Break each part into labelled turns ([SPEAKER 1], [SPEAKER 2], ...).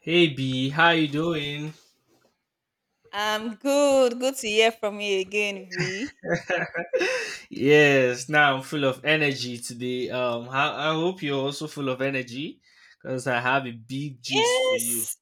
[SPEAKER 1] Hey B, how you doing?
[SPEAKER 2] I'm good. Good to hear from you again, V.
[SPEAKER 1] Yes, now I'm full of energy today. I hope you're also full of energy because I have a big gist for you.
[SPEAKER 2] Yes.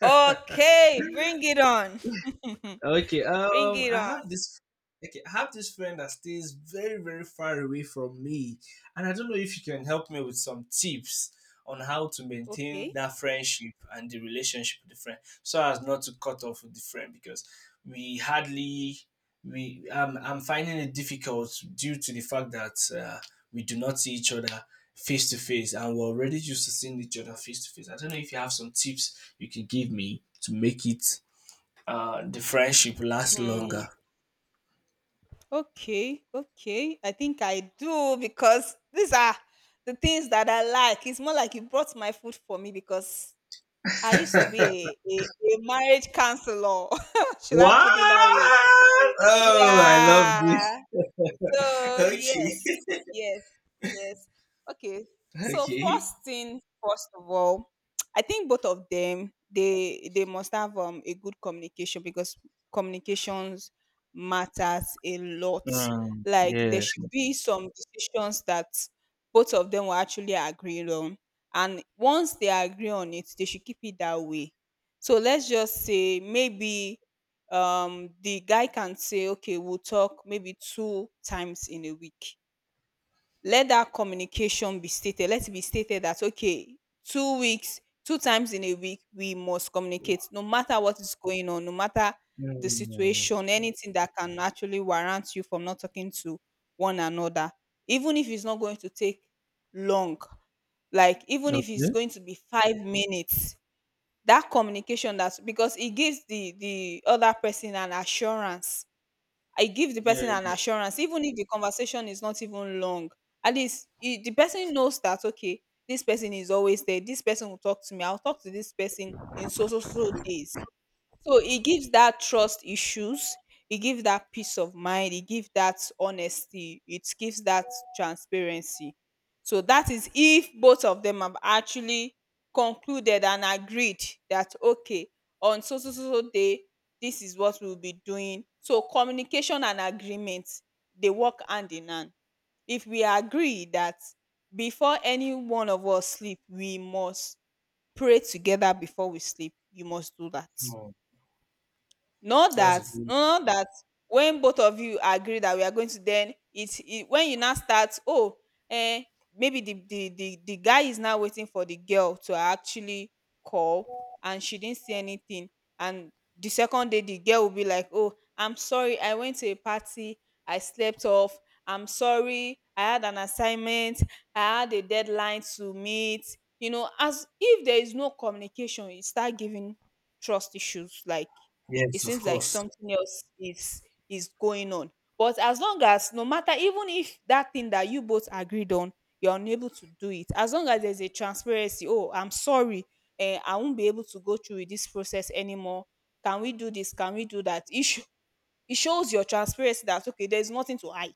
[SPEAKER 2] Okay, bring it on.
[SPEAKER 1] Okay.
[SPEAKER 2] bring
[SPEAKER 1] Um,
[SPEAKER 2] it
[SPEAKER 1] I
[SPEAKER 2] on.
[SPEAKER 1] have this. Okay, I have this friend that stays very, very far away from me, and I don't know if you can help me with some tips on how to maintain
[SPEAKER 2] Okay.
[SPEAKER 1] that friendship and the relationship with the friend, so as not to cut off with the friend because we hardly we I'm finding it difficult due to the fact that we do not see each other face to face, and we're already used to seeing each other face to face. I don't know if you have some tips you can give me to make it the friendship lasts
[SPEAKER 2] Hmm.
[SPEAKER 1] longer.
[SPEAKER 2] Okay. Okay. I think I do because these are the things that I like. It's more like you brought my food for me because I used to be a marriage counselor. Should I
[SPEAKER 1] What?
[SPEAKER 2] put it that way?
[SPEAKER 1] Oh, I love this.
[SPEAKER 2] Yeah. So yes,
[SPEAKER 1] Okay.
[SPEAKER 2] yes, yes. Okay. So
[SPEAKER 1] Okay.
[SPEAKER 2] first thing, first of all, I think both of them they must have a good communication because communications matters a lot.
[SPEAKER 1] Mm,
[SPEAKER 2] Like there
[SPEAKER 1] yes.
[SPEAKER 2] should be some decisions that both of them will actually agree on. And once they agree on it, they should keep it that way. So let's just say maybe the guy can say, okay, we'll talk maybe two times in a week. Let that communication be stated, let it be stated that okay, 2 weeks, two times in a week we must communicate, no matter what is going on, no matter the
[SPEAKER 1] Mm.
[SPEAKER 2] situation, anything that can actually warrant you from not talking to one another. Even if it's not going to take long, like even if it's
[SPEAKER 1] Okay.
[SPEAKER 2] going to be 5 minutes, that communication, that's because it gives the other person an assurance. I give the
[SPEAKER 1] Yeah.
[SPEAKER 2] person an assurance, even if the conversation is not even long. At least the person knows that okay, this person is always there. This person will talk to me. I'll talk to this person in so so so days. So it gives that trust issues, it gives that peace of mind, it gives that honesty, it gives that transparency. So that is if both of them have actually concluded and agreed that okay, on so so so so day, this is what we'll be doing. So communication and agreement, they work hand in hand. If we agree that before any one of us sleep, we must pray together before we sleep, you must do that.
[SPEAKER 1] Mm.
[SPEAKER 2] Not
[SPEAKER 1] That's a
[SPEAKER 2] that, no,
[SPEAKER 1] very-
[SPEAKER 2] not that when both of you agree that we are going to then it when you now start, oh, eh, maybe the guy is now waiting for the girl to actually call and she didn't say anything. And the second day the girl will be like, "Oh, I'm sorry, I went to a party, I slept off, I'm sorry, I had an assignment, I had a deadline to meet." You know, as if there is no communication, you start giving trust issues, like it
[SPEAKER 1] yes, of
[SPEAKER 2] seems like
[SPEAKER 1] course.
[SPEAKER 2] something else is going on. But as long as no matter even if that thing that you both agreed on, you're unable to do it, as long as there's a transparency, oh, I'm sorry, I won't be able to go through with this process anymore. Can we do this? Can we do that? It shows your transparency that okay, there's nothing to hide.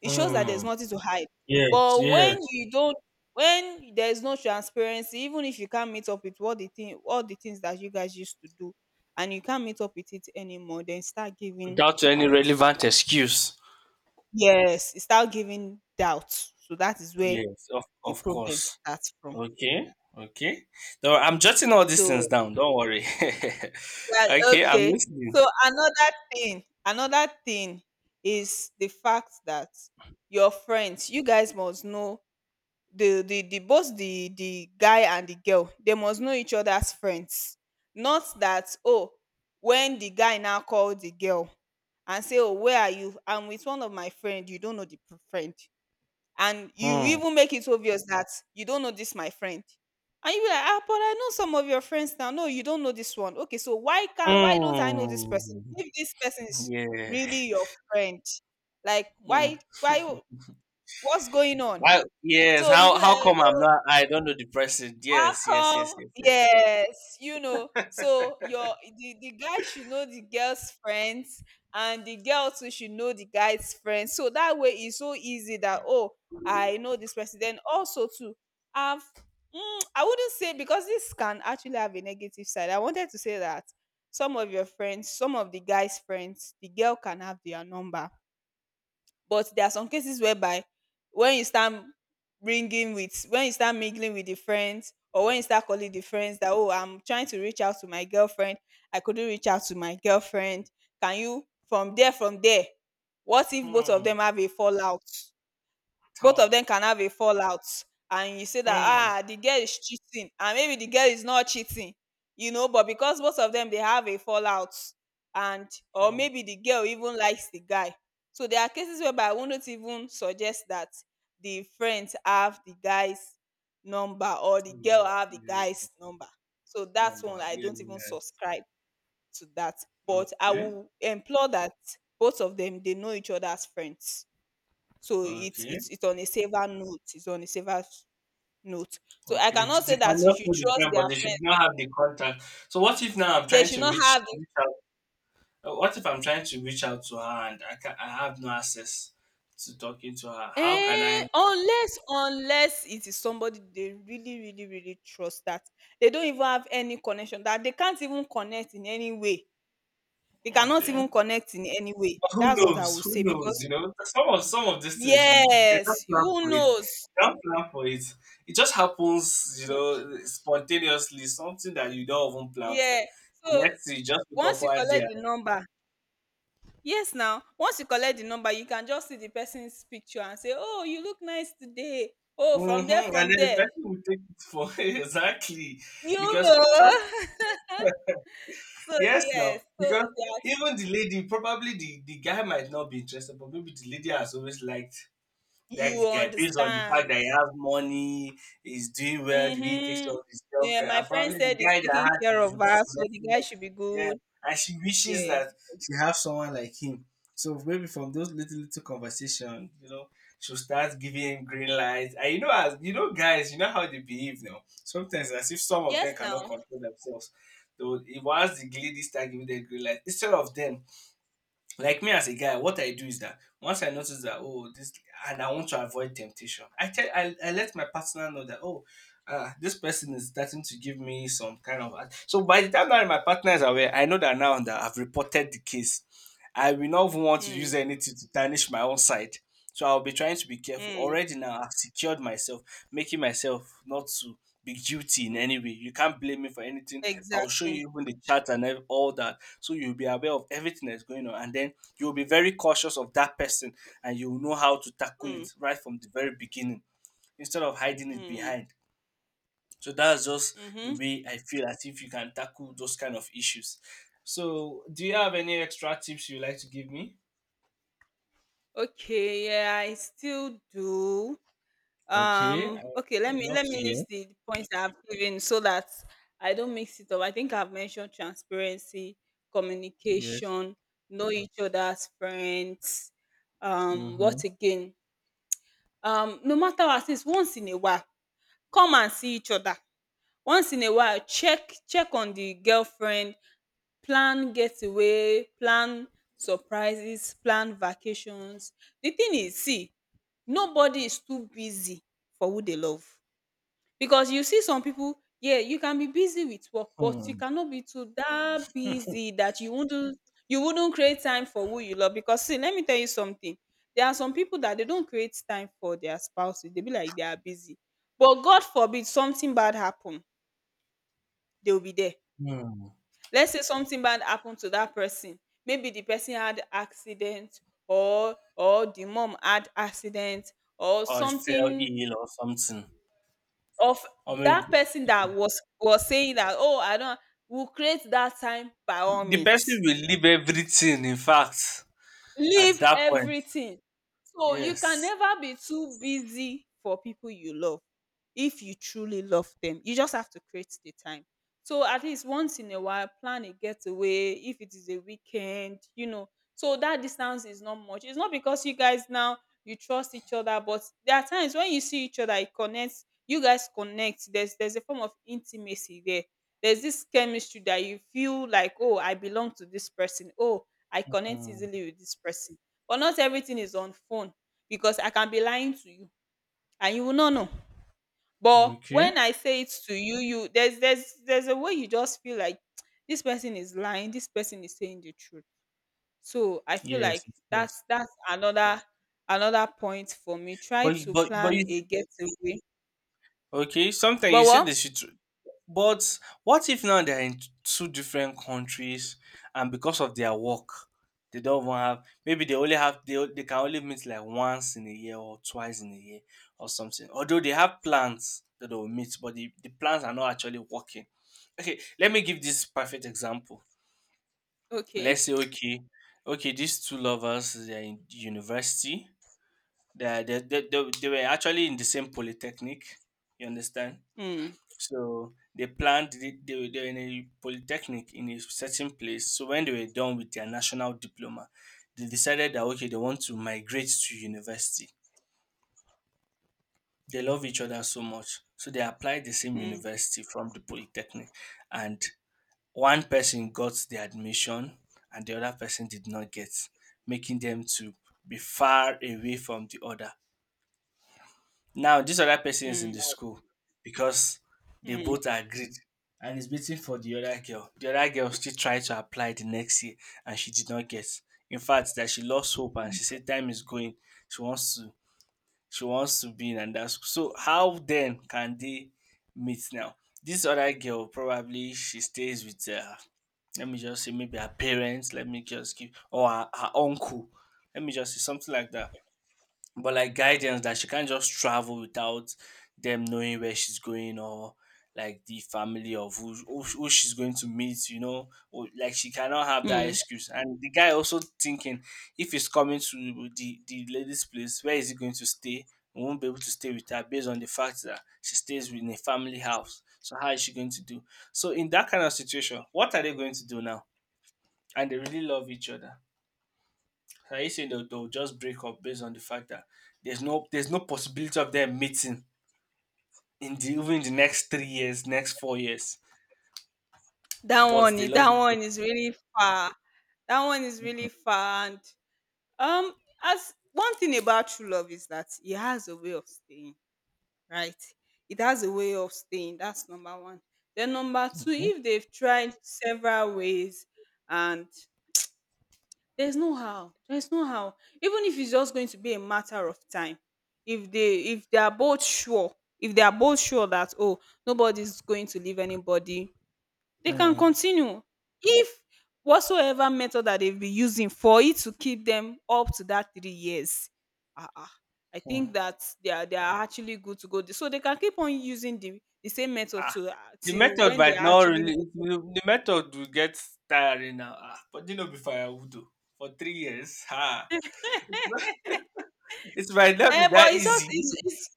[SPEAKER 2] It shows that there's
[SPEAKER 1] Mm.
[SPEAKER 2] nothing to hide.
[SPEAKER 1] Yes,
[SPEAKER 2] But
[SPEAKER 1] yes.
[SPEAKER 2] when you don't, when there's no transparency, even if you can't meet up with what the thing all the things that you guys used to do and you can't meet up with it anymore, then start giving,
[SPEAKER 1] Without any relevant excuse.
[SPEAKER 2] yes, start giving doubt. So that is where
[SPEAKER 1] Yes,
[SPEAKER 2] the
[SPEAKER 1] of
[SPEAKER 2] problem
[SPEAKER 1] course.
[SPEAKER 2] starts from.
[SPEAKER 1] Okay. Okay. No, I'm jotting all these things
[SPEAKER 2] So
[SPEAKER 1] down. Don't worry.
[SPEAKER 2] yeah,
[SPEAKER 1] Okay, I'm
[SPEAKER 2] okay.
[SPEAKER 1] listening.
[SPEAKER 2] So another thing is the fact that your friends, you guys must know, the guy and the girl, they must know each other's friends. Not that oh, when the guy now call the girl and say, "Oh, where are you? I'm with one of my friend, you don't know the friend," and you
[SPEAKER 1] Hmm.
[SPEAKER 2] even make it obvious that you don't know this my friend, and you be like, "Ah, but I know some of your friends now." "No, you don't know this one." Okay, so why can, why don't I know this person
[SPEAKER 1] Hmm.
[SPEAKER 2] if this person is
[SPEAKER 1] Yeah.
[SPEAKER 2] really your friend? Like
[SPEAKER 1] Mm.
[SPEAKER 2] why, what's going on?
[SPEAKER 1] Why? Yes.
[SPEAKER 2] So you be
[SPEAKER 1] How? How
[SPEAKER 2] like,
[SPEAKER 1] come I'm
[SPEAKER 2] oh.
[SPEAKER 1] not? I don't know the person.
[SPEAKER 2] How
[SPEAKER 1] Yes. Yes. Yes.
[SPEAKER 2] come?
[SPEAKER 1] Yes. Yes.
[SPEAKER 2] Yes, you know. So your, the guy should know the girl's friends, and the girl too should know the guy's friends. So that way it's so easy that oh, I know this person. Then also too, I've, mm, I wouldn't say, because this can actually have a negative side. I wanted to say that some of your friends, some of the guy's friends, the girl can have their number, but there are some cases whereby when you start bringing with, when you start mingling with the friends or when you start calling the friends that, "Oh, I'm trying to reach out to my girlfriend, I couldn't reach out to my girlfriend. Can you from there from there?" What if both of
[SPEAKER 1] Hmm.
[SPEAKER 2] them have a fallout? Both of
[SPEAKER 1] Tall.
[SPEAKER 2] them can have a fallout, and you say that
[SPEAKER 1] Hmm.
[SPEAKER 2] ah, the girl is cheating, and maybe the girl is not cheating, you know, but because both of them they have a fallout, and or
[SPEAKER 1] Hmm.
[SPEAKER 2] maybe the girl even likes the guy. So there are cases whereby I wouldn't even suggest that the friends have the guy's number or the girl
[SPEAKER 1] Number.
[SPEAKER 2] have the
[SPEAKER 1] Yeah.
[SPEAKER 2] guy's number. So that's one
[SPEAKER 1] Number.
[SPEAKER 2] I
[SPEAKER 1] Yeah.
[SPEAKER 2] don't even subscribe to that,
[SPEAKER 1] Yeah.
[SPEAKER 2] but I
[SPEAKER 1] Okay.
[SPEAKER 2] will implore that both of them they know each other as friends. So it's
[SPEAKER 1] Okay.
[SPEAKER 2] it's on a saver note. It's on a saver note. So I
[SPEAKER 1] Okay.
[SPEAKER 2] cannot
[SPEAKER 1] They
[SPEAKER 2] say
[SPEAKER 1] cannot
[SPEAKER 2] that you should
[SPEAKER 1] know the
[SPEAKER 2] trust
[SPEAKER 1] friend,
[SPEAKER 2] their
[SPEAKER 1] but they should
[SPEAKER 2] friends.
[SPEAKER 1] not have the contact. So what if now I'm
[SPEAKER 2] They
[SPEAKER 1] trying
[SPEAKER 2] should
[SPEAKER 1] to
[SPEAKER 2] not
[SPEAKER 1] reach
[SPEAKER 2] have the,
[SPEAKER 1] reach out? What if I'm trying to reach out to her and I can I have no access to talking to her? How can I?
[SPEAKER 2] unless, unless it is somebody they really really really trust, that they don't even have any connection, that they can't even connect in any way. They cannot even
[SPEAKER 1] Okay.
[SPEAKER 2] connect in any way.
[SPEAKER 1] Who
[SPEAKER 2] That's what I
[SPEAKER 1] knows?
[SPEAKER 2] would
[SPEAKER 1] Who
[SPEAKER 2] say,
[SPEAKER 1] knows?
[SPEAKER 2] because
[SPEAKER 1] Some of these things you, you they don't
[SPEAKER 2] yes,
[SPEAKER 1] plan
[SPEAKER 2] who
[SPEAKER 1] for it.
[SPEAKER 2] knows?
[SPEAKER 1] You don't plan for it. It just happens,
[SPEAKER 2] Y-
[SPEAKER 1] spontaneously. Something that you don't even plan for.
[SPEAKER 2] Yeah. So
[SPEAKER 1] Next, you just wake up
[SPEAKER 2] once you
[SPEAKER 1] one day,
[SPEAKER 2] collect the number, yes now, once you collect the number, you can just see the person's picture and say, "Oh, you look nice today. Oh, from
[SPEAKER 1] mm-hmm,
[SPEAKER 2] there,
[SPEAKER 1] and then
[SPEAKER 2] from
[SPEAKER 1] the
[SPEAKER 2] there."
[SPEAKER 1] person will take it for exactly
[SPEAKER 2] You
[SPEAKER 1] because some
[SPEAKER 2] know. So
[SPEAKER 1] yes now
[SPEAKER 2] yes,
[SPEAKER 1] because
[SPEAKER 2] so that,
[SPEAKER 1] even the lady probably the guy might not be interested, but maybe the lady has always liked that
[SPEAKER 2] you
[SPEAKER 1] guy, based on the fact
[SPEAKER 2] understand.
[SPEAKER 1] that he has money, he's doing well, the way he takes care
[SPEAKER 2] Mm-hmm.
[SPEAKER 1] of his
[SPEAKER 2] Yeah,
[SPEAKER 1] girlfriend,
[SPEAKER 2] my
[SPEAKER 1] and
[SPEAKER 2] friend
[SPEAKER 1] probably
[SPEAKER 2] said
[SPEAKER 1] the
[SPEAKER 2] he's
[SPEAKER 1] guy that
[SPEAKER 2] taking
[SPEAKER 1] has
[SPEAKER 2] care
[SPEAKER 1] his
[SPEAKER 2] of
[SPEAKER 1] roots
[SPEAKER 2] her,
[SPEAKER 1] is
[SPEAKER 2] so the
[SPEAKER 1] messing
[SPEAKER 2] guy
[SPEAKER 1] up.
[SPEAKER 2] should be
[SPEAKER 1] Yeah,
[SPEAKER 2] good.
[SPEAKER 1] and she wishes
[SPEAKER 2] Yeah.
[SPEAKER 1] that she have someone like him. So maybe from those little little conversation, she'll start giving him green lights. And as you know, guys, you know how they behave now. Sometimes as if some of
[SPEAKER 2] Yes
[SPEAKER 1] them cannot
[SPEAKER 2] now.
[SPEAKER 1] control themselves. Though once the lady start giving them green light, instead of them like me as a guy, what I do is that once I notice that oh this and I want to avoid temptation, I let my partner know that oh this person is starting to give me some kind of so by the time that my partner is aware, I know that now that I've reported the case, I will not even want to
[SPEAKER 2] Mm,
[SPEAKER 1] use anything to tarnish my own side. So I'll be trying to be careful.
[SPEAKER 2] mm,
[SPEAKER 1] Already now, I've secured myself, making myself not to be guilty in any way. You can't blame me for anything. I'll show
[SPEAKER 2] exactly.
[SPEAKER 1] you even the chat and ev- all that. So you'll be aware of everything that's going on. And then you'll be very cautious of that person and you'll know how to tackle
[SPEAKER 2] Mm,
[SPEAKER 1] it right from the very beginning instead of hiding it
[SPEAKER 2] mm,
[SPEAKER 1] behind. So that's just the
[SPEAKER 2] mm-hmm.
[SPEAKER 1] way I feel as if you can tackle those kind of issues. So, do you have any extra tips you'd like to give me?
[SPEAKER 2] Okay, yeah, I still do.
[SPEAKER 1] Okay. I-
[SPEAKER 2] Okay, let
[SPEAKER 1] would
[SPEAKER 2] me
[SPEAKER 1] love
[SPEAKER 2] let
[SPEAKER 1] to
[SPEAKER 2] me
[SPEAKER 1] hear.
[SPEAKER 2] list the points that I've given so that I don't mix it up. I think I've mentioned transparency,
[SPEAKER 1] Yes.
[SPEAKER 2] communication, know each other's friends. What
[SPEAKER 1] Mhm.
[SPEAKER 2] again? No matter what, it's once in a while, come and see each other. Once in a while, check on the girlfriend, plan getaway, plan surprises, plan vacations. The thing is, see, nobody is too busy for who they love. Because you see some people, yeah, you can be busy with work, but you
[SPEAKER 1] Hmm.
[SPEAKER 2] cannot be too that busy that you wouldn't, you wouldn't create time for who you love. Because see, let me tell you something. There are some people that they don't create time for their spouses. They be like they are busy. But God forbid something bad happen, they'll be there.
[SPEAKER 1] Hmm.
[SPEAKER 2] Let's say something bad happened to that person. Maybe the person had accident, or the mom had accident or
[SPEAKER 1] Or fell
[SPEAKER 2] something.
[SPEAKER 1] ill or something.
[SPEAKER 2] Of
[SPEAKER 1] Or
[SPEAKER 2] that
[SPEAKER 1] maybe
[SPEAKER 2] person that was saying that, "Oh, I don't," will create that time by all
[SPEAKER 1] the person
[SPEAKER 2] means.
[SPEAKER 1] will leave everything, in fact, at
[SPEAKER 2] Leave
[SPEAKER 1] that point.
[SPEAKER 2] everything. So you can
[SPEAKER 1] Yes.
[SPEAKER 2] never be too busy for people you love if you truly love them. You just have to create the time. So at least once in a while, plan a getaway if it is a weekend, you know. So that distance is not much. It's not because you guys now, you trust each other, but there are times when you see each other, it connects. You guys connect. There's a form of intimacy there. There's this chemistry that you feel like, oh, I belong to this person. Oh, I connect
[SPEAKER 1] Hmm.
[SPEAKER 2] easily with this person. But not everything is on phone, because I can be lying to you and you will not know. But
[SPEAKER 1] Okay.
[SPEAKER 2] when I say it to you, you, there's there's a way you just feel like, this person is lying, this person is saying the truth. So I feel
[SPEAKER 1] Yes,
[SPEAKER 2] like
[SPEAKER 1] of
[SPEAKER 2] that's
[SPEAKER 1] course.
[SPEAKER 2] that's another, another point for me. Try
[SPEAKER 1] But you-
[SPEAKER 2] to
[SPEAKER 1] but but
[SPEAKER 2] plan
[SPEAKER 1] you
[SPEAKER 2] a getaway.
[SPEAKER 1] okay. Sometimes
[SPEAKER 2] But
[SPEAKER 1] you see
[SPEAKER 2] what?
[SPEAKER 1] the situ- But what if now they're in two different countries and because of their work, they don't even have maybe they only have they, o- they can only meet like once in a year or twice in a year or something. Although they have plans that they will meet, but the plans are not actually working. Okay, let me give this perfect example.
[SPEAKER 2] Okay.
[SPEAKER 1] Let's say okay, okay, these two lovers they're in university. They were actually in the same polytechnic. You understand?
[SPEAKER 2] Mm,
[SPEAKER 1] So they planned, they were in a polytechnic in a certain place. So when they were done with their national diploma, they decided that, okay, they want to migrate to university. They love each other so much. So they applied the same
[SPEAKER 2] mm,
[SPEAKER 1] university from the polytechnic. And one person got the admission and the other person did not get, making them to be far away from the other. Now this other person is in
[SPEAKER 2] mm,
[SPEAKER 1] the school because they
[SPEAKER 2] mm,
[SPEAKER 1] both agreed and is waiting for the other girl. The other girl still tried to apply the next year and she did not get. In fact that she lost hope and she said time is going. She wants to she wants to be in another school. So how then can they meet now? This other girl probably she stays with her let me just say maybe her parents let me just give or her her uncle let me just say something like that but like guidance that she can't just travel without them knowing where she's going or like the family of who she's going to meet or, like she cannot have that
[SPEAKER 2] mm.
[SPEAKER 1] excuse and the guy also thinking if he's coming to the lady's place where is he going to stay he won't be able to stay with her based on the fact that she stays in a family house so how is she going to do so in that kind of situation what are they going to do now and they really love each other are you saying they'll just break up based on the fact that there's no possibility of them meeting in the even in the next 3 years, next 4 years,
[SPEAKER 2] That
[SPEAKER 1] but
[SPEAKER 2] one,
[SPEAKER 1] they love
[SPEAKER 2] that
[SPEAKER 1] each
[SPEAKER 2] one is really far. That one is really far, and um, as one thing about true love is that it has a way of staying, right? It has a way of staying. That's number 1. Then number 2, if they've tried several ways and there's no how, there's no how. Even if it's just going to be a matter of time, if they, if they are both sure, if they are both sure that oh, nobody's going to leave anybody, they
[SPEAKER 1] other.
[SPEAKER 2] can
[SPEAKER 1] Mm.
[SPEAKER 2] continue. If whatsoever method that they've been using for it to keep them up to that 3 years, ah ah, I
[SPEAKER 1] Hmm.
[SPEAKER 2] think that they are, they are actually good to go. So they can keep on using the same method
[SPEAKER 1] Ah,
[SPEAKER 2] to
[SPEAKER 1] the
[SPEAKER 2] till
[SPEAKER 1] method
[SPEAKER 2] when they
[SPEAKER 1] might
[SPEAKER 2] are
[SPEAKER 1] not
[SPEAKER 2] actually
[SPEAKER 1] really the method will get tiring now. Ah, but you know before I would do for 3 years. Ah, it might not be
[SPEAKER 2] But
[SPEAKER 1] that
[SPEAKER 2] it's just
[SPEAKER 1] easy.
[SPEAKER 2] it's, it's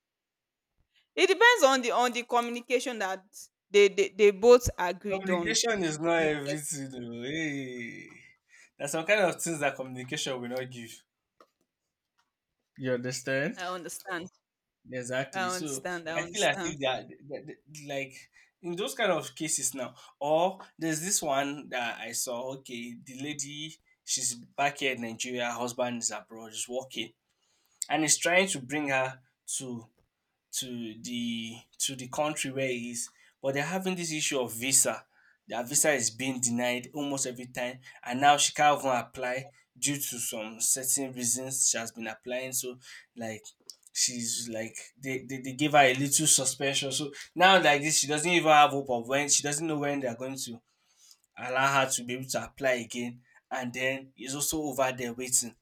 [SPEAKER 2] it depends on the communication that they both agreed on.
[SPEAKER 1] Communication is not
[SPEAKER 2] You get
[SPEAKER 1] everything. Oh, hey. There's some kind of things that communication will not give. You
[SPEAKER 2] I
[SPEAKER 1] understand?
[SPEAKER 2] understand.
[SPEAKER 1] Exactly.
[SPEAKER 2] I
[SPEAKER 1] So
[SPEAKER 2] understand. I
[SPEAKER 1] I feel as
[SPEAKER 2] understand.
[SPEAKER 1] if they are th- th- th- like in those kind of cases now. Or there's this one that I saw. Okay, the lady she's back here in Nigeria, husband is abroad, is working, and is trying to bring her to to the country where he is, but they're having this issue of visa. Their visa is being denied almost every time, and now she can't even apply due to some certain reasons she has been applying. So, like, she's like they gave her a little suspension. So now like this, she doesn't even have hope of when she doesn't know when they're going to allow her to be able to apply again. And then it's also over there waiting.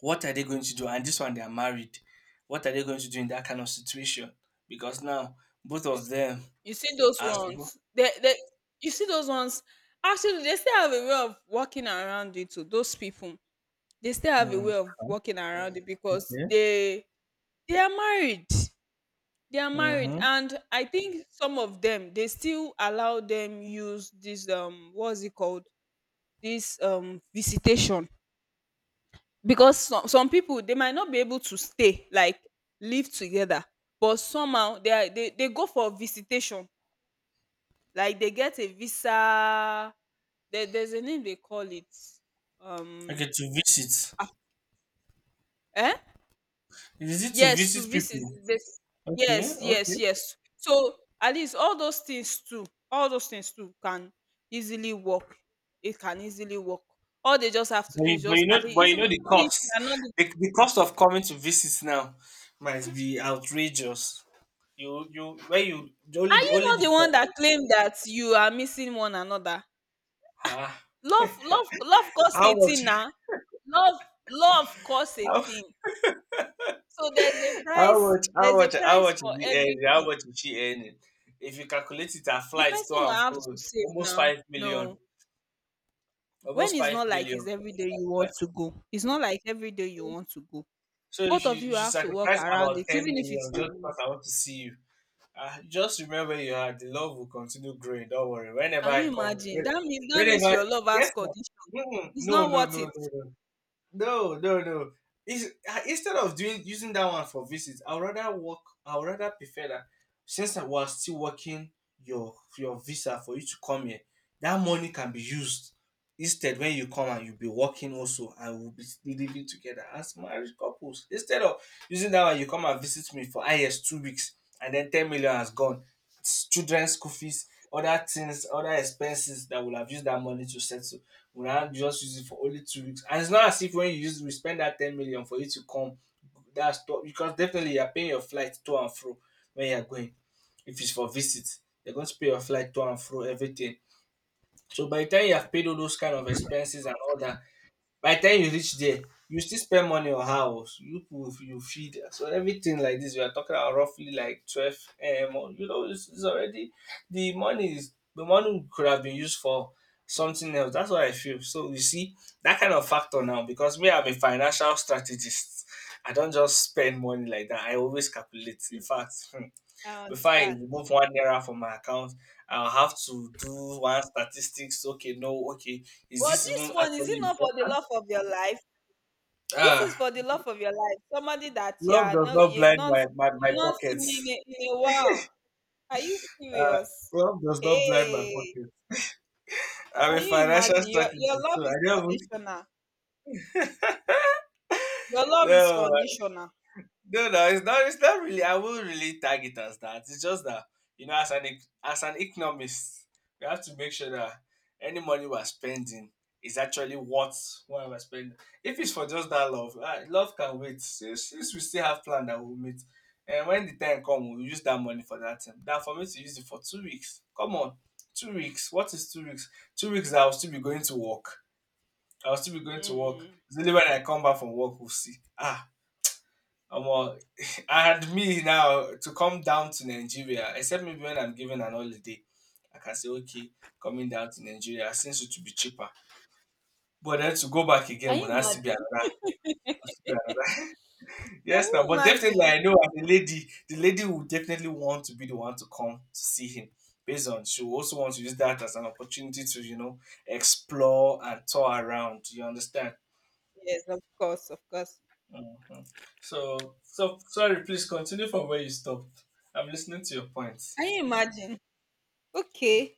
[SPEAKER 1] What are they going to do? And this one, they are married. What are they going to do in that kind of situation? Because now both
[SPEAKER 2] You
[SPEAKER 1] of
[SPEAKER 2] s-
[SPEAKER 1] them
[SPEAKER 2] you see those
[SPEAKER 1] are supposed
[SPEAKER 2] ones. You see those ones. Actually, they still have a way of walking around it. To Those people, they still have a
[SPEAKER 1] Mm.
[SPEAKER 2] way of walking around it because
[SPEAKER 1] Okay.
[SPEAKER 2] they are married. They are married,
[SPEAKER 1] Mm-hmm.
[SPEAKER 2] and I think some of them they still allow them use this what's it called this visitation because some people they might not be able to stay like live together, but somehow they go for visitation. Like they get a visa there's a name they call it. Um
[SPEAKER 1] Okay to visit.
[SPEAKER 2] ah, eh?
[SPEAKER 1] Is it to
[SPEAKER 2] Yes, to
[SPEAKER 1] visit
[SPEAKER 2] visit
[SPEAKER 1] people?
[SPEAKER 2] this.
[SPEAKER 1] Okay,
[SPEAKER 2] Yes,
[SPEAKER 1] okay.
[SPEAKER 2] yes, yes. So at least all those things too, all those things too can easily work. It can easily work. All they just have to
[SPEAKER 1] But
[SPEAKER 2] do
[SPEAKER 1] you,
[SPEAKER 2] is
[SPEAKER 1] but
[SPEAKER 2] just at least
[SPEAKER 1] but you
[SPEAKER 2] even
[SPEAKER 1] know
[SPEAKER 2] even
[SPEAKER 1] the
[SPEAKER 2] if
[SPEAKER 1] cost.
[SPEAKER 2] you are not living
[SPEAKER 1] The
[SPEAKER 2] together.
[SPEAKER 1] cost of coming to visit now might be outrageous. You where you the only
[SPEAKER 2] Are
[SPEAKER 1] the
[SPEAKER 2] you
[SPEAKER 1] only
[SPEAKER 2] not the
[SPEAKER 1] the
[SPEAKER 2] one that claimed that you are missing one another?
[SPEAKER 1] ah,
[SPEAKER 2] Love costs a
[SPEAKER 1] how much
[SPEAKER 2] thing now. Love, love costs a
[SPEAKER 1] How?
[SPEAKER 2] thing. So
[SPEAKER 1] How much? How
[SPEAKER 2] there's a
[SPEAKER 1] much? How
[SPEAKER 2] price
[SPEAKER 1] much is
[SPEAKER 2] for
[SPEAKER 1] the earning? How
[SPEAKER 2] everything.
[SPEAKER 1] much is she earning? If you calculate it, her
[SPEAKER 2] The
[SPEAKER 1] flights to
[SPEAKER 2] person will
[SPEAKER 1] and
[SPEAKER 2] have to
[SPEAKER 1] fro
[SPEAKER 2] save
[SPEAKER 1] almost
[SPEAKER 2] now.
[SPEAKER 1] 5 million,
[SPEAKER 2] No. When
[SPEAKER 1] almost
[SPEAKER 2] it's
[SPEAKER 1] five
[SPEAKER 2] not like
[SPEAKER 1] million.
[SPEAKER 2] it's every day you
[SPEAKER 1] But
[SPEAKER 2] want to go. It's not like every day you want to go.
[SPEAKER 1] so
[SPEAKER 2] Both
[SPEAKER 1] if you,
[SPEAKER 2] of
[SPEAKER 1] you
[SPEAKER 2] you
[SPEAKER 1] should
[SPEAKER 2] have to work
[SPEAKER 1] sacrifice
[SPEAKER 2] around
[SPEAKER 1] about
[SPEAKER 2] it,
[SPEAKER 1] ten
[SPEAKER 2] even if it
[SPEAKER 1] million
[SPEAKER 2] is
[SPEAKER 1] just because
[SPEAKER 2] you.
[SPEAKER 1] I want to see you. Just remember, you are the love will continue growing. Don't worry. Whenever
[SPEAKER 2] Can
[SPEAKER 1] I
[SPEAKER 2] you
[SPEAKER 1] come,
[SPEAKER 2] imagine? That means
[SPEAKER 1] whenever
[SPEAKER 2] your love has
[SPEAKER 1] yes, ma.
[SPEAKER 2] condition.
[SPEAKER 1] Mm,
[SPEAKER 2] It's
[SPEAKER 1] no,
[SPEAKER 2] not
[SPEAKER 1] no,
[SPEAKER 2] worth it.
[SPEAKER 1] no, no, no. No, no, no. Is I- instead of doing using that one for visits, I'd rather work. I'd rather prefer that since I was still working your visa for you to come here, that money can be used instead when you come and you'll be working also and we'll be living together as married couples. Instead of using that one, you come and visit me for IS 2 weeks and then 10 million has gone. It's children's school fees, other things, other expenses that will have used that money to settle we now just use it for only 2 weeks. And it's not as if when you use we spend that 10 million for you to come. That's top because definitely you're paying your flight to and fro when you're going. If it's for visit, you're going to pay your flight to and fro, everything. So by the time you have paid all those kind of expenses and all that, by the time you reach there you still spend money on house you put you feed so everything like this we are talking about roughly like 12. It's already the money could have been used for something else. That's what I feel. So you see that kind of factor now, because me I'm a financial strategist, I don't just spend money like that. I always calculate. In fact, hmm,
[SPEAKER 2] I
[SPEAKER 1] before I
[SPEAKER 2] understand.
[SPEAKER 1] remove one naira from my account, I'll have to do one statistics. Okay, no, okay, is
[SPEAKER 2] But
[SPEAKER 1] this
[SPEAKER 2] this
[SPEAKER 1] even
[SPEAKER 2] one, is
[SPEAKER 1] actually
[SPEAKER 2] it not
[SPEAKER 1] important?
[SPEAKER 2] for the love of your life? This is
[SPEAKER 1] Ah,
[SPEAKER 2] for the love of your life. Somebody that you
[SPEAKER 1] love
[SPEAKER 2] are
[SPEAKER 1] does not blind my, my,
[SPEAKER 2] you've
[SPEAKER 1] my
[SPEAKER 2] not seen
[SPEAKER 1] pockets.
[SPEAKER 2] in in a while. Are you
[SPEAKER 1] Uh,
[SPEAKER 2] serious?
[SPEAKER 1] Love does not blind my
[SPEAKER 2] Hey,
[SPEAKER 1] pockets.
[SPEAKER 2] can
[SPEAKER 1] I'm a
[SPEAKER 2] you
[SPEAKER 1] financial
[SPEAKER 2] imagine? Your
[SPEAKER 1] strategist,
[SPEAKER 2] love
[SPEAKER 1] so I
[SPEAKER 2] is
[SPEAKER 1] don't.
[SPEAKER 2] conditional. Your love is
[SPEAKER 1] No,
[SPEAKER 2] conditional.
[SPEAKER 1] no, no, it's not. It's not really. I won't really tag it as that. It's just that, you know, as an economist, we have to make sure that any money we're spending is actually worth what we're spending. If it's for just that love, ah, love can wait. Since we still have plan that we'll meet, and when the time comes, we'll use that money for that time. Now, for me to use it for 2 weeks, come on, 2 weeks. What is 2 weeks? 2 weeks, I'll still be going to work. I'll still be going to work.
[SPEAKER 2] Mm.
[SPEAKER 1] It's only when I come back from work we'll see. Ah, Omo, and me now to come down to Nigeria, except maybe when I'm given an holiday, I can say, okay, coming down to Nigeria since it will be cheaper. But then to go back
[SPEAKER 2] Can
[SPEAKER 1] again
[SPEAKER 2] you
[SPEAKER 1] will has to be
[SPEAKER 2] imagine?
[SPEAKER 1] another. Has to be another-
[SPEAKER 2] Can
[SPEAKER 1] Yes, now,
[SPEAKER 2] you
[SPEAKER 1] but definitely
[SPEAKER 2] imagine?
[SPEAKER 1] I know as a lady, the lady will definitely want to be the one to come to see him. Based on she will also want to use that as an opportunity to, you know, explore and tour around. You understand?
[SPEAKER 2] Yes, of course, of course.
[SPEAKER 1] Mhm. So sorry, please continue from where you stopped. I'm listening to your points.
[SPEAKER 2] Can you imagine? Okay.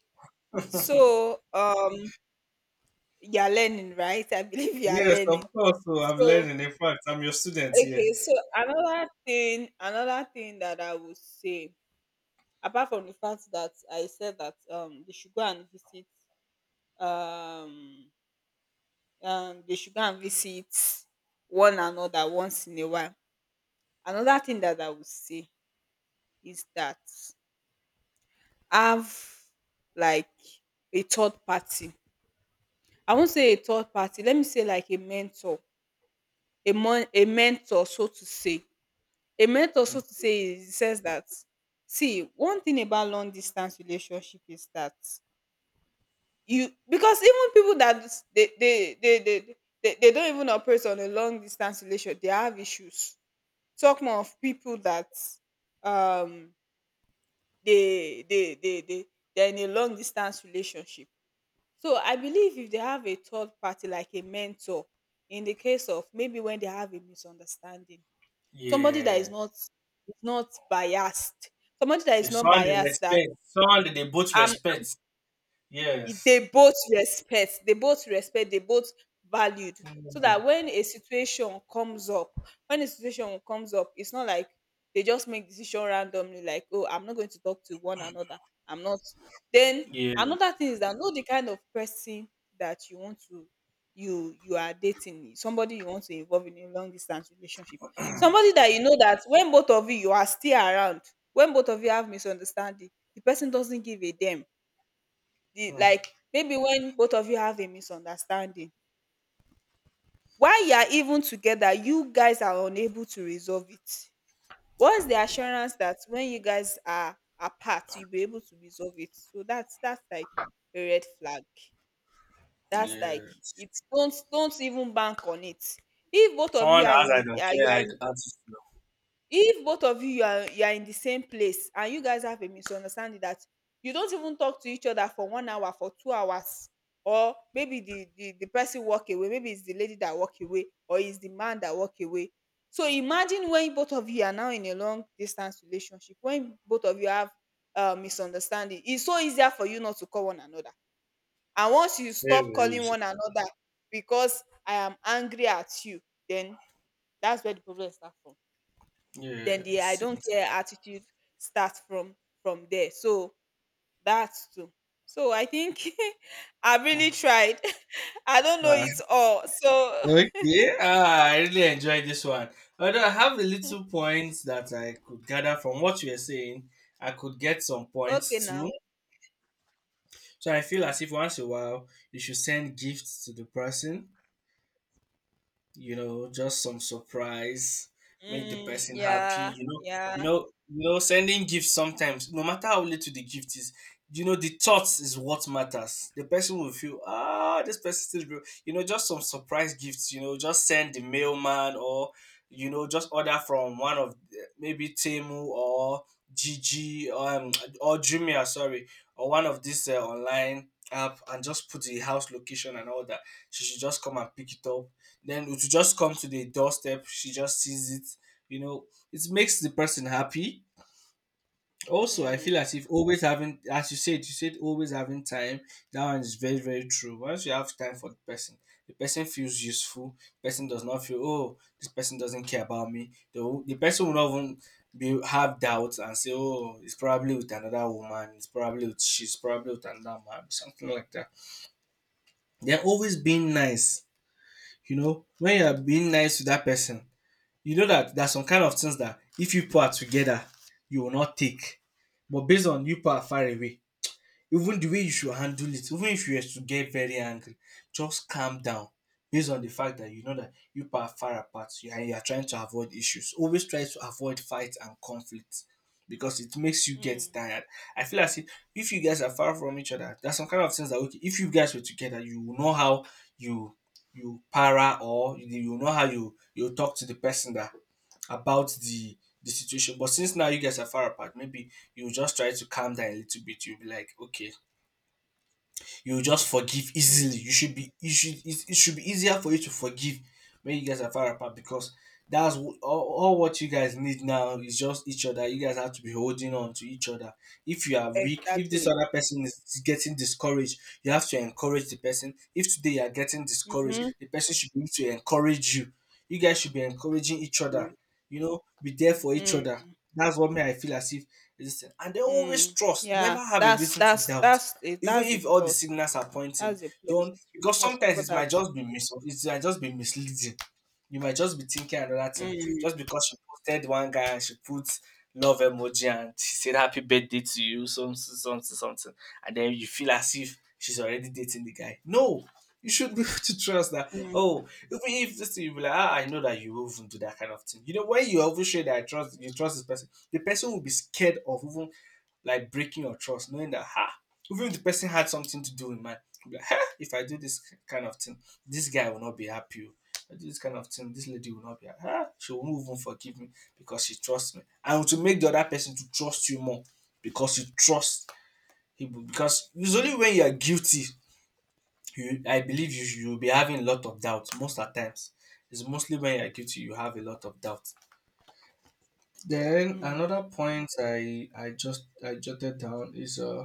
[SPEAKER 2] So you are learning, right? I believe you are
[SPEAKER 1] Yes, of
[SPEAKER 2] learning.
[SPEAKER 1] course. So I've
[SPEAKER 2] So
[SPEAKER 1] learned. In fact, I'm your student here.
[SPEAKER 2] okay, so another thing that I would say, apart from the fact that I said that they should go and visit um they should go and visit one another once in a while. Another thing that I would say is that have like a third party. I won't say a third party. Let me say like a mentor, a mentor, so to say. A mentor, so to say, it says that see one thing about long distance relationship is that you because even people that s- they don't even operate on a long distance relationship they have issues. Talk more of people that um they they they they they're in a long distance relationship. So I believe if they have a third party like a mentor, in the case of maybe when they have a misunderstanding, somebody that
[SPEAKER 1] Yeah.
[SPEAKER 2] is not biased, somebody that is
[SPEAKER 1] Your
[SPEAKER 2] not
[SPEAKER 1] son they
[SPEAKER 2] biased that
[SPEAKER 1] respect. Son they both
[SPEAKER 2] I
[SPEAKER 1] respect.
[SPEAKER 2] it-
[SPEAKER 1] Yes.
[SPEAKER 2] they both respect they both valued so
[SPEAKER 1] Mm.
[SPEAKER 2] that when a situation comes up it's not like they just make decision randomly like oh I'm not going to talk to one another I'm not then
[SPEAKER 1] Yeah.
[SPEAKER 2] another thing is that know the kind of person that you want to you are dating somebody you want to involve in a long distance relationship, somebody that you know that when both of you you are still around, when both of you have misunderstanding the person doesn't give a damn. The
[SPEAKER 1] Mm.
[SPEAKER 2] like Maybe when both of you have a misunderstanding while you are even together you guys are unable to resolve it, what's the assurance that when you guys are apart you'll be able to resolve it? So that's like a red flag, that's like
[SPEAKER 1] Yeah.
[SPEAKER 2] it's don't even bank on it. If both of you
[SPEAKER 1] Someone
[SPEAKER 2] are in
[SPEAKER 1] else I
[SPEAKER 2] a,
[SPEAKER 1] don't
[SPEAKER 2] are, you
[SPEAKER 1] care. I
[SPEAKER 2] are
[SPEAKER 1] attitude.
[SPEAKER 2] If both of you are in the same place and you guys have a misunderstanding that you don't even talk to each other for 1 hour for 2 hours, or maybe the person walk away, maybe it's the lady that walk away or it's the man that walk away. So imagine when both of you are now in a long distance relationship, when both of you have misunderstanding, it's so easier for you not to call one another. And once you stop
[SPEAKER 1] Very
[SPEAKER 2] calling
[SPEAKER 1] easy.
[SPEAKER 2] one another because I am angry at you, then that's where the problem start from. Then the I
[SPEAKER 1] Yes.
[SPEAKER 2] don't care attitude starts from there. So that's too. So I think I really tried. I don't know
[SPEAKER 1] Ah,
[SPEAKER 2] it all. So
[SPEAKER 1] okay. Ah, I really enjoyed this one. Although I have a little points that I could gather from what you are saying, I could get some
[SPEAKER 2] okay
[SPEAKER 1] points
[SPEAKER 2] now.
[SPEAKER 1] too. So I feel as if once in a while you should send gifts to the person, you know, just some surprise, make the
[SPEAKER 2] Mm,
[SPEAKER 1] person happy,
[SPEAKER 2] yeah,
[SPEAKER 1] you
[SPEAKER 2] yeah.
[SPEAKER 1] know, sending gifts sometimes, no matter how little the gift is, you know, the thoughts is what matters. The person will feel, ah, this person still, real." You know, just some surprise gifts, you know, just send the mailman or, you know, just order from one of the- maybe Temu or Gigi, or Jumia, sorry, or one of these online app and just put the house location and all that. She should just come and pick it up, then it will just come to the doorstep, she just sees it, you know, it makes the person happy. Also I
[SPEAKER 2] Mm,
[SPEAKER 1] feel as if always having, as you said, you said always having time, that one is very very true. Once you have time for the person, the person feels useful. Person does not feel, oh, this person doesn't care about me. The the person will not even be have doubts and say, oh, it's probably with another woman, it's probably with, she's probably with another man, something like that. They're always being nice. You know, when you're being nice to that person, you know that there's some kind of things that if you people together, you will not take. But based on you people far away, even the way you should handle it, even if you have to get very angry, just calm down. Based on the fact that you know that you people are far apart and you are trying to avoid issues. Always try to avoid fights and conflicts because it makes you get
[SPEAKER 2] mm,
[SPEAKER 1] tired. I feel as if you guys are far from each other, there's some kind of things that, okay, if you guys were together, you will know how you para, or you know how you talk to the person that about the situation. But since now you guys are far apart, maybe you just try to calm down a little bit. You'll be like, okay, you just forgive
[SPEAKER 2] mm.
[SPEAKER 1] easily. You should be you should It, it should be easier for you to forgive when you guys are far apart, because that's all what you guys need now is just each other. You guys have to be holding on to each other. If you are weak, if this
[SPEAKER 2] Exactly.
[SPEAKER 1] other person is getting discouraged, you have to encourage the person. If today you are getting discouraged,
[SPEAKER 2] Mm-hmm.
[SPEAKER 1] the person should be able to encourage you. You guys should be encouraging each other.
[SPEAKER 2] Mm,
[SPEAKER 1] You know, be there for each
[SPEAKER 2] mm,
[SPEAKER 1] other. That's what me I feel as if listen. And they always
[SPEAKER 2] mm.
[SPEAKER 1] trust.
[SPEAKER 2] Yeah,
[SPEAKER 1] Never have a
[SPEAKER 2] that's
[SPEAKER 1] reason to doubt. Even
[SPEAKER 2] that's a
[SPEAKER 1] if all the
[SPEAKER 2] plus.
[SPEAKER 1] signals are pointing,
[SPEAKER 2] That's a plus.
[SPEAKER 1] don't, because
[SPEAKER 2] I
[SPEAKER 1] sometimes
[SPEAKER 2] support
[SPEAKER 1] it
[SPEAKER 2] that.
[SPEAKER 1] might just be misleading. You might just be thinking another thing
[SPEAKER 2] Mm,
[SPEAKER 1] just because she posted one guy and she put love emoji and she said happy birthday to you, something, something, something, and then you feel as if she's already dating the guy. No, you should be able to trust that.
[SPEAKER 2] mm,
[SPEAKER 1] Oh, even if this thing, you be like, ah, I know that you will even do that kind of thing. You know, when you even show that I trust you, trust this person, the person will be scared of even like breaking your trust, knowing that ha, even if the person had something to do in mind, be like, "Huh, if I do this kind of thing, this guy will not be happy. Oh. If I do this kind of thing, this lady will not be happy. Huh? She will move and forgive me because she trusts me. And to make the other person to trust you more because you trust him. Because usually when you are guilty, you, I believe you will be having a lot of doubt most of the times. It's mostly when you're guilty you have a lot of doubt. Then
[SPEAKER 2] mm,
[SPEAKER 1] another point I jotted down is uh,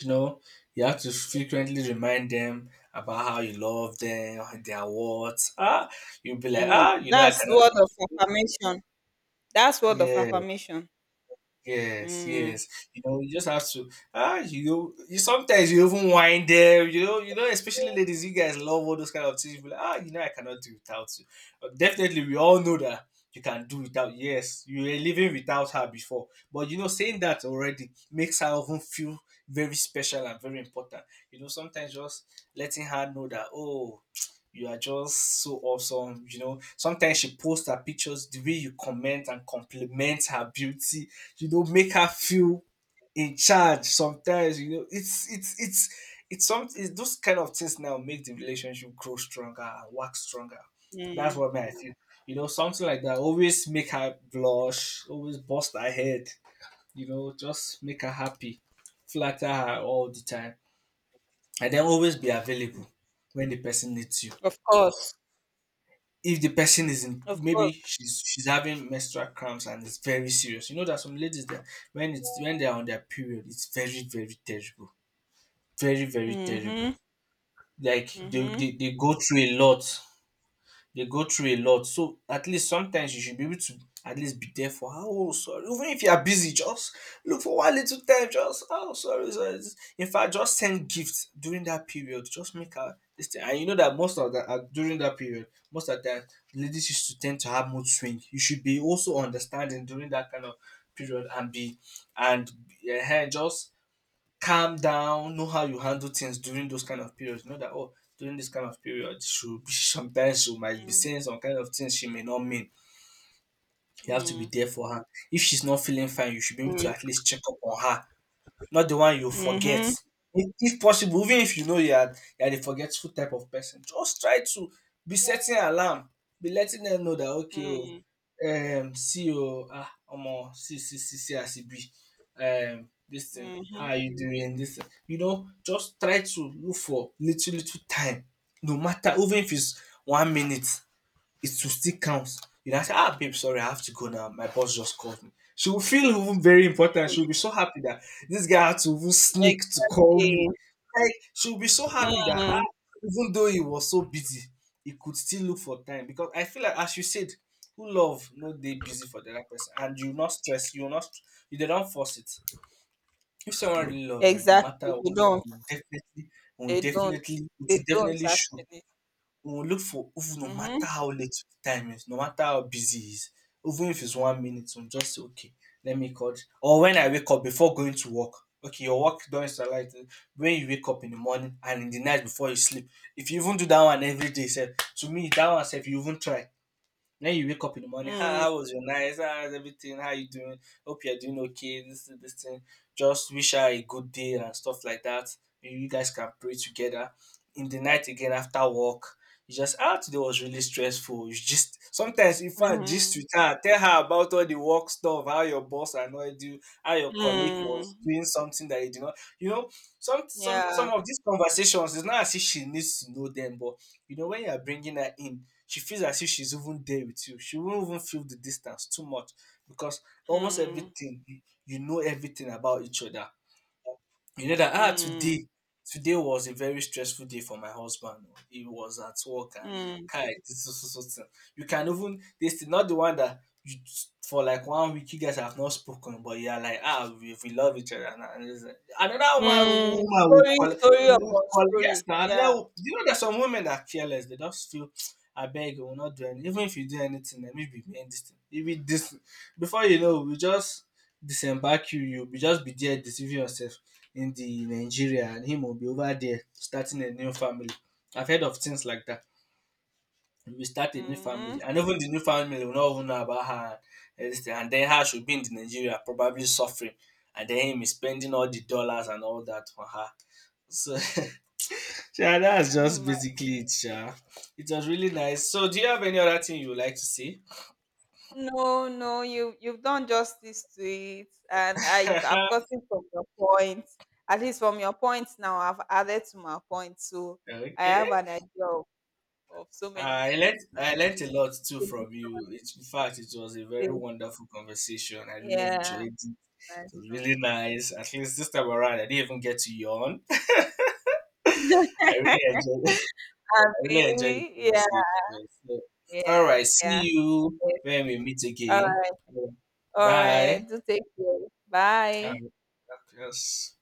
[SPEAKER 1] you know, you have to frequently remind them about how you love them, their words. Ah, you'll be like,
[SPEAKER 2] mm.
[SPEAKER 1] ah, you know, I
[SPEAKER 2] That's
[SPEAKER 1] cannot.
[SPEAKER 2] word of affirmation. That's word of
[SPEAKER 1] Yeah,
[SPEAKER 2] affirmation.
[SPEAKER 1] yes,
[SPEAKER 2] Mm,
[SPEAKER 1] yes. You know, you just have to, ah, you know, you sometimes you even whine them, you know, especially ladies, you guys love all those kind of things. You be like, ah, you know, I cannot do without you. But definitely we all know that you can do without, yes, you were living without her before. But you know, saying that already makes her even feel very special and very important. You know, sometimes just letting her know that, oh, you are just so awesome. You know, sometimes she posts her pictures, the way you comment and compliment her beauty, you know, make her feel in charge sometimes, you know. It's those kind of things now make the relationship grow stronger and work stronger. That's
[SPEAKER 2] mm.
[SPEAKER 1] what I think. You know, something like that. Always make her blush, always bust her head, you know, just make her happy, flatter her all the time. And then always be available when the person needs you,
[SPEAKER 2] Of course.
[SPEAKER 1] if the person is in,
[SPEAKER 2] Of course.
[SPEAKER 1] maybe she's having menstrual cramps and it's very serious. You know that some ladies that when it's when they're on their period it's very very terrible, very very terrible,
[SPEAKER 2] Mhm.
[SPEAKER 1] like
[SPEAKER 2] Mhm.
[SPEAKER 1] they go through a lot, they go through a lot. So at least sometimes you should be able to at least be there for her. Oh, sorry. Even if you are busy, just look for one little time. Just "Ah, oh, sorry, sorry. In fact, just send gifts during that period. Just make her this thing. And you know that most of the during that period, most of the time, ladies used to tend to have mood swing. You should be also understanding during that kind of period, and be and just calm down, know how you handle things during those kind of periods. Know that oh, during this kind of period, she sometimes she might be saying some kind of things she may not mean. You have to be
[SPEAKER 2] Mm.
[SPEAKER 1] there for her. If she's not feeling fine, you should be able to
[SPEAKER 2] Mm.
[SPEAKER 1] at least check up on her, not the one you forget.
[SPEAKER 2] Mhm.
[SPEAKER 1] If possible, even if you know you are the forgetful type of person, just try to be setting alarm, be letting them know that okay, oh,
[SPEAKER 2] Mm.
[SPEAKER 1] see, oh, ah, omo, see, see, see, see, as it be, this thing, how
[SPEAKER 2] Mhm.
[SPEAKER 1] are you doing? This thing. Just try to look for little, little time, no matter, even if it's one minute, it will still count. You know, I say, ah, babe, sorry, I have to go now. My boss just called me. She will feel even very important. She'll be so happy that this guy had to even sneak to call
[SPEAKER 2] Exactly.
[SPEAKER 1] me. Like, she'll be so happy that, ah,
[SPEAKER 2] Mm.
[SPEAKER 1] even though he was so busy, he could still look for time. Because I feel like, as you said, who love, no, they busy for the other person. And you not stress, you not, you they don't force it. If someone really love you, no
[SPEAKER 2] Exactly.
[SPEAKER 1] matter what,
[SPEAKER 2] They don't.
[SPEAKER 1] you definitely, will
[SPEAKER 2] They don't.
[SPEAKER 1] definitely, it
[SPEAKER 2] They
[SPEAKER 1] will
[SPEAKER 2] don't
[SPEAKER 1] definitely show,
[SPEAKER 2] actually.
[SPEAKER 1] we will look for, even no
[SPEAKER 2] Mhm.
[SPEAKER 1] matter how late the time is, no matter how busy it is, even if it's one minute, we'll just say, okay, let me call. Or when I wake up before going to work, okay, your work don't start like that. When you wake up in the morning and in the night before you sleep. If you even do that one every day, self, to me, that one, self, you even try. Then you wake up in the morning. How,
[SPEAKER 2] Mm.
[SPEAKER 1] how was your night? How's everything? How you doing? Hope you're doing okay. This thing. Just wish her a good day and stuff like that. Maybe you guys can pray together. In the night again after work, you just ah today was really stressful. You just sometimes in fact just
[SPEAKER 2] Mhm.
[SPEAKER 1] with her, tell her about all the work stuff, how your boss annoyed you, how your colleague was
[SPEAKER 2] Mm.
[SPEAKER 1] doing something that you did not. You know, some
[SPEAKER 2] Yeah.
[SPEAKER 1] of these conversations, it's not as if she needs to know them, but you know when you are bringing her in, she feels as if she's even there with you. She won't even feel the distance too much because almost
[SPEAKER 2] Mm.
[SPEAKER 1] everything, you know everything about each other. You know that ah
[SPEAKER 2] Mm.
[SPEAKER 1] today, today was a very stressful day for my husband. Oh. He was at work and
[SPEAKER 2] Mm.
[SPEAKER 1] kai this so so so thing. You can even this thing, not the one that you for like one week you guys have not spoken, but you are like ah we love each other. And it's like, another woman
[SPEAKER 2] Mm.
[SPEAKER 1] woman would
[SPEAKER 2] Story.
[SPEAKER 1] call,
[SPEAKER 2] Story
[SPEAKER 1] would
[SPEAKER 2] upon
[SPEAKER 1] call, yes
[SPEAKER 2] story.
[SPEAKER 1] now, another
[SPEAKER 2] Yeah.
[SPEAKER 1] you know there's some women that are careless. They just feel I beg you will not do anything. Even if you do anything, let me be end this thing. Even this before you know we just disembark you. Just be there deceiving yourself in the Nigeria and him will be over there starting a new family. I've heard of things like that. We start a new
[SPEAKER 2] Mhm.
[SPEAKER 1] family, and even the new family will not even know about her. And this, and then her should be in the Nigeria, probably suffering, and then him is spending all the dollars and all that on her. So, yeah, that's
[SPEAKER 2] Can
[SPEAKER 1] just
[SPEAKER 2] you
[SPEAKER 1] basically it. Yeah, it was really nice. So, do you have any other thing you would like to see?
[SPEAKER 2] No, no, you you've done justice to it, and I've gotten from your point. At least from your points now, I've added to my point, so I
[SPEAKER 1] Okay.
[SPEAKER 2] have an idea of so many
[SPEAKER 1] I learned
[SPEAKER 2] things now.
[SPEAKER 1] I
[SPEAKER 2] So
[SPEAKER 1] learned a lot too
[SPEAKER 2] it's a good
[SPEAKER 1] from you. It, in fact, it was a very
[SPEAKER 2] topic.
[SPEAKER 1] wonderful conversation. I really
[SPEAKER 2] Yeah,
[SPEAKER 1] enjoyed. It
[SPEAKER 2] nice
[SPEAKER 1] was really
[SPEAKER 2] one.
[SPEAKER 1] nice. At least this time around, I didn't even get to yawn. I really enjoyed. I
[SPEAKER 2] Abi,
[SPEAKER 1] really enjoyed the
[SPEAKER 2] yeah,
[SPEAKER 1] conversation. So,
[SPEAKER 2] yeah,
[SPEAKER 1] all
[SPEAKER 2] yeah.
[SPEAKER 1] right, see
[SPEAKER 2] Yes.
[SPEAKER 1] you when we meet
[SPEAKER 2] All
[SPEAKER 1] again.
[SPEAKER 2] right, all
[SPEAKER 1] Bye.
[SPEAKER 2] right. Do take care. Bye.
[SPEAKER 1] Um, yes.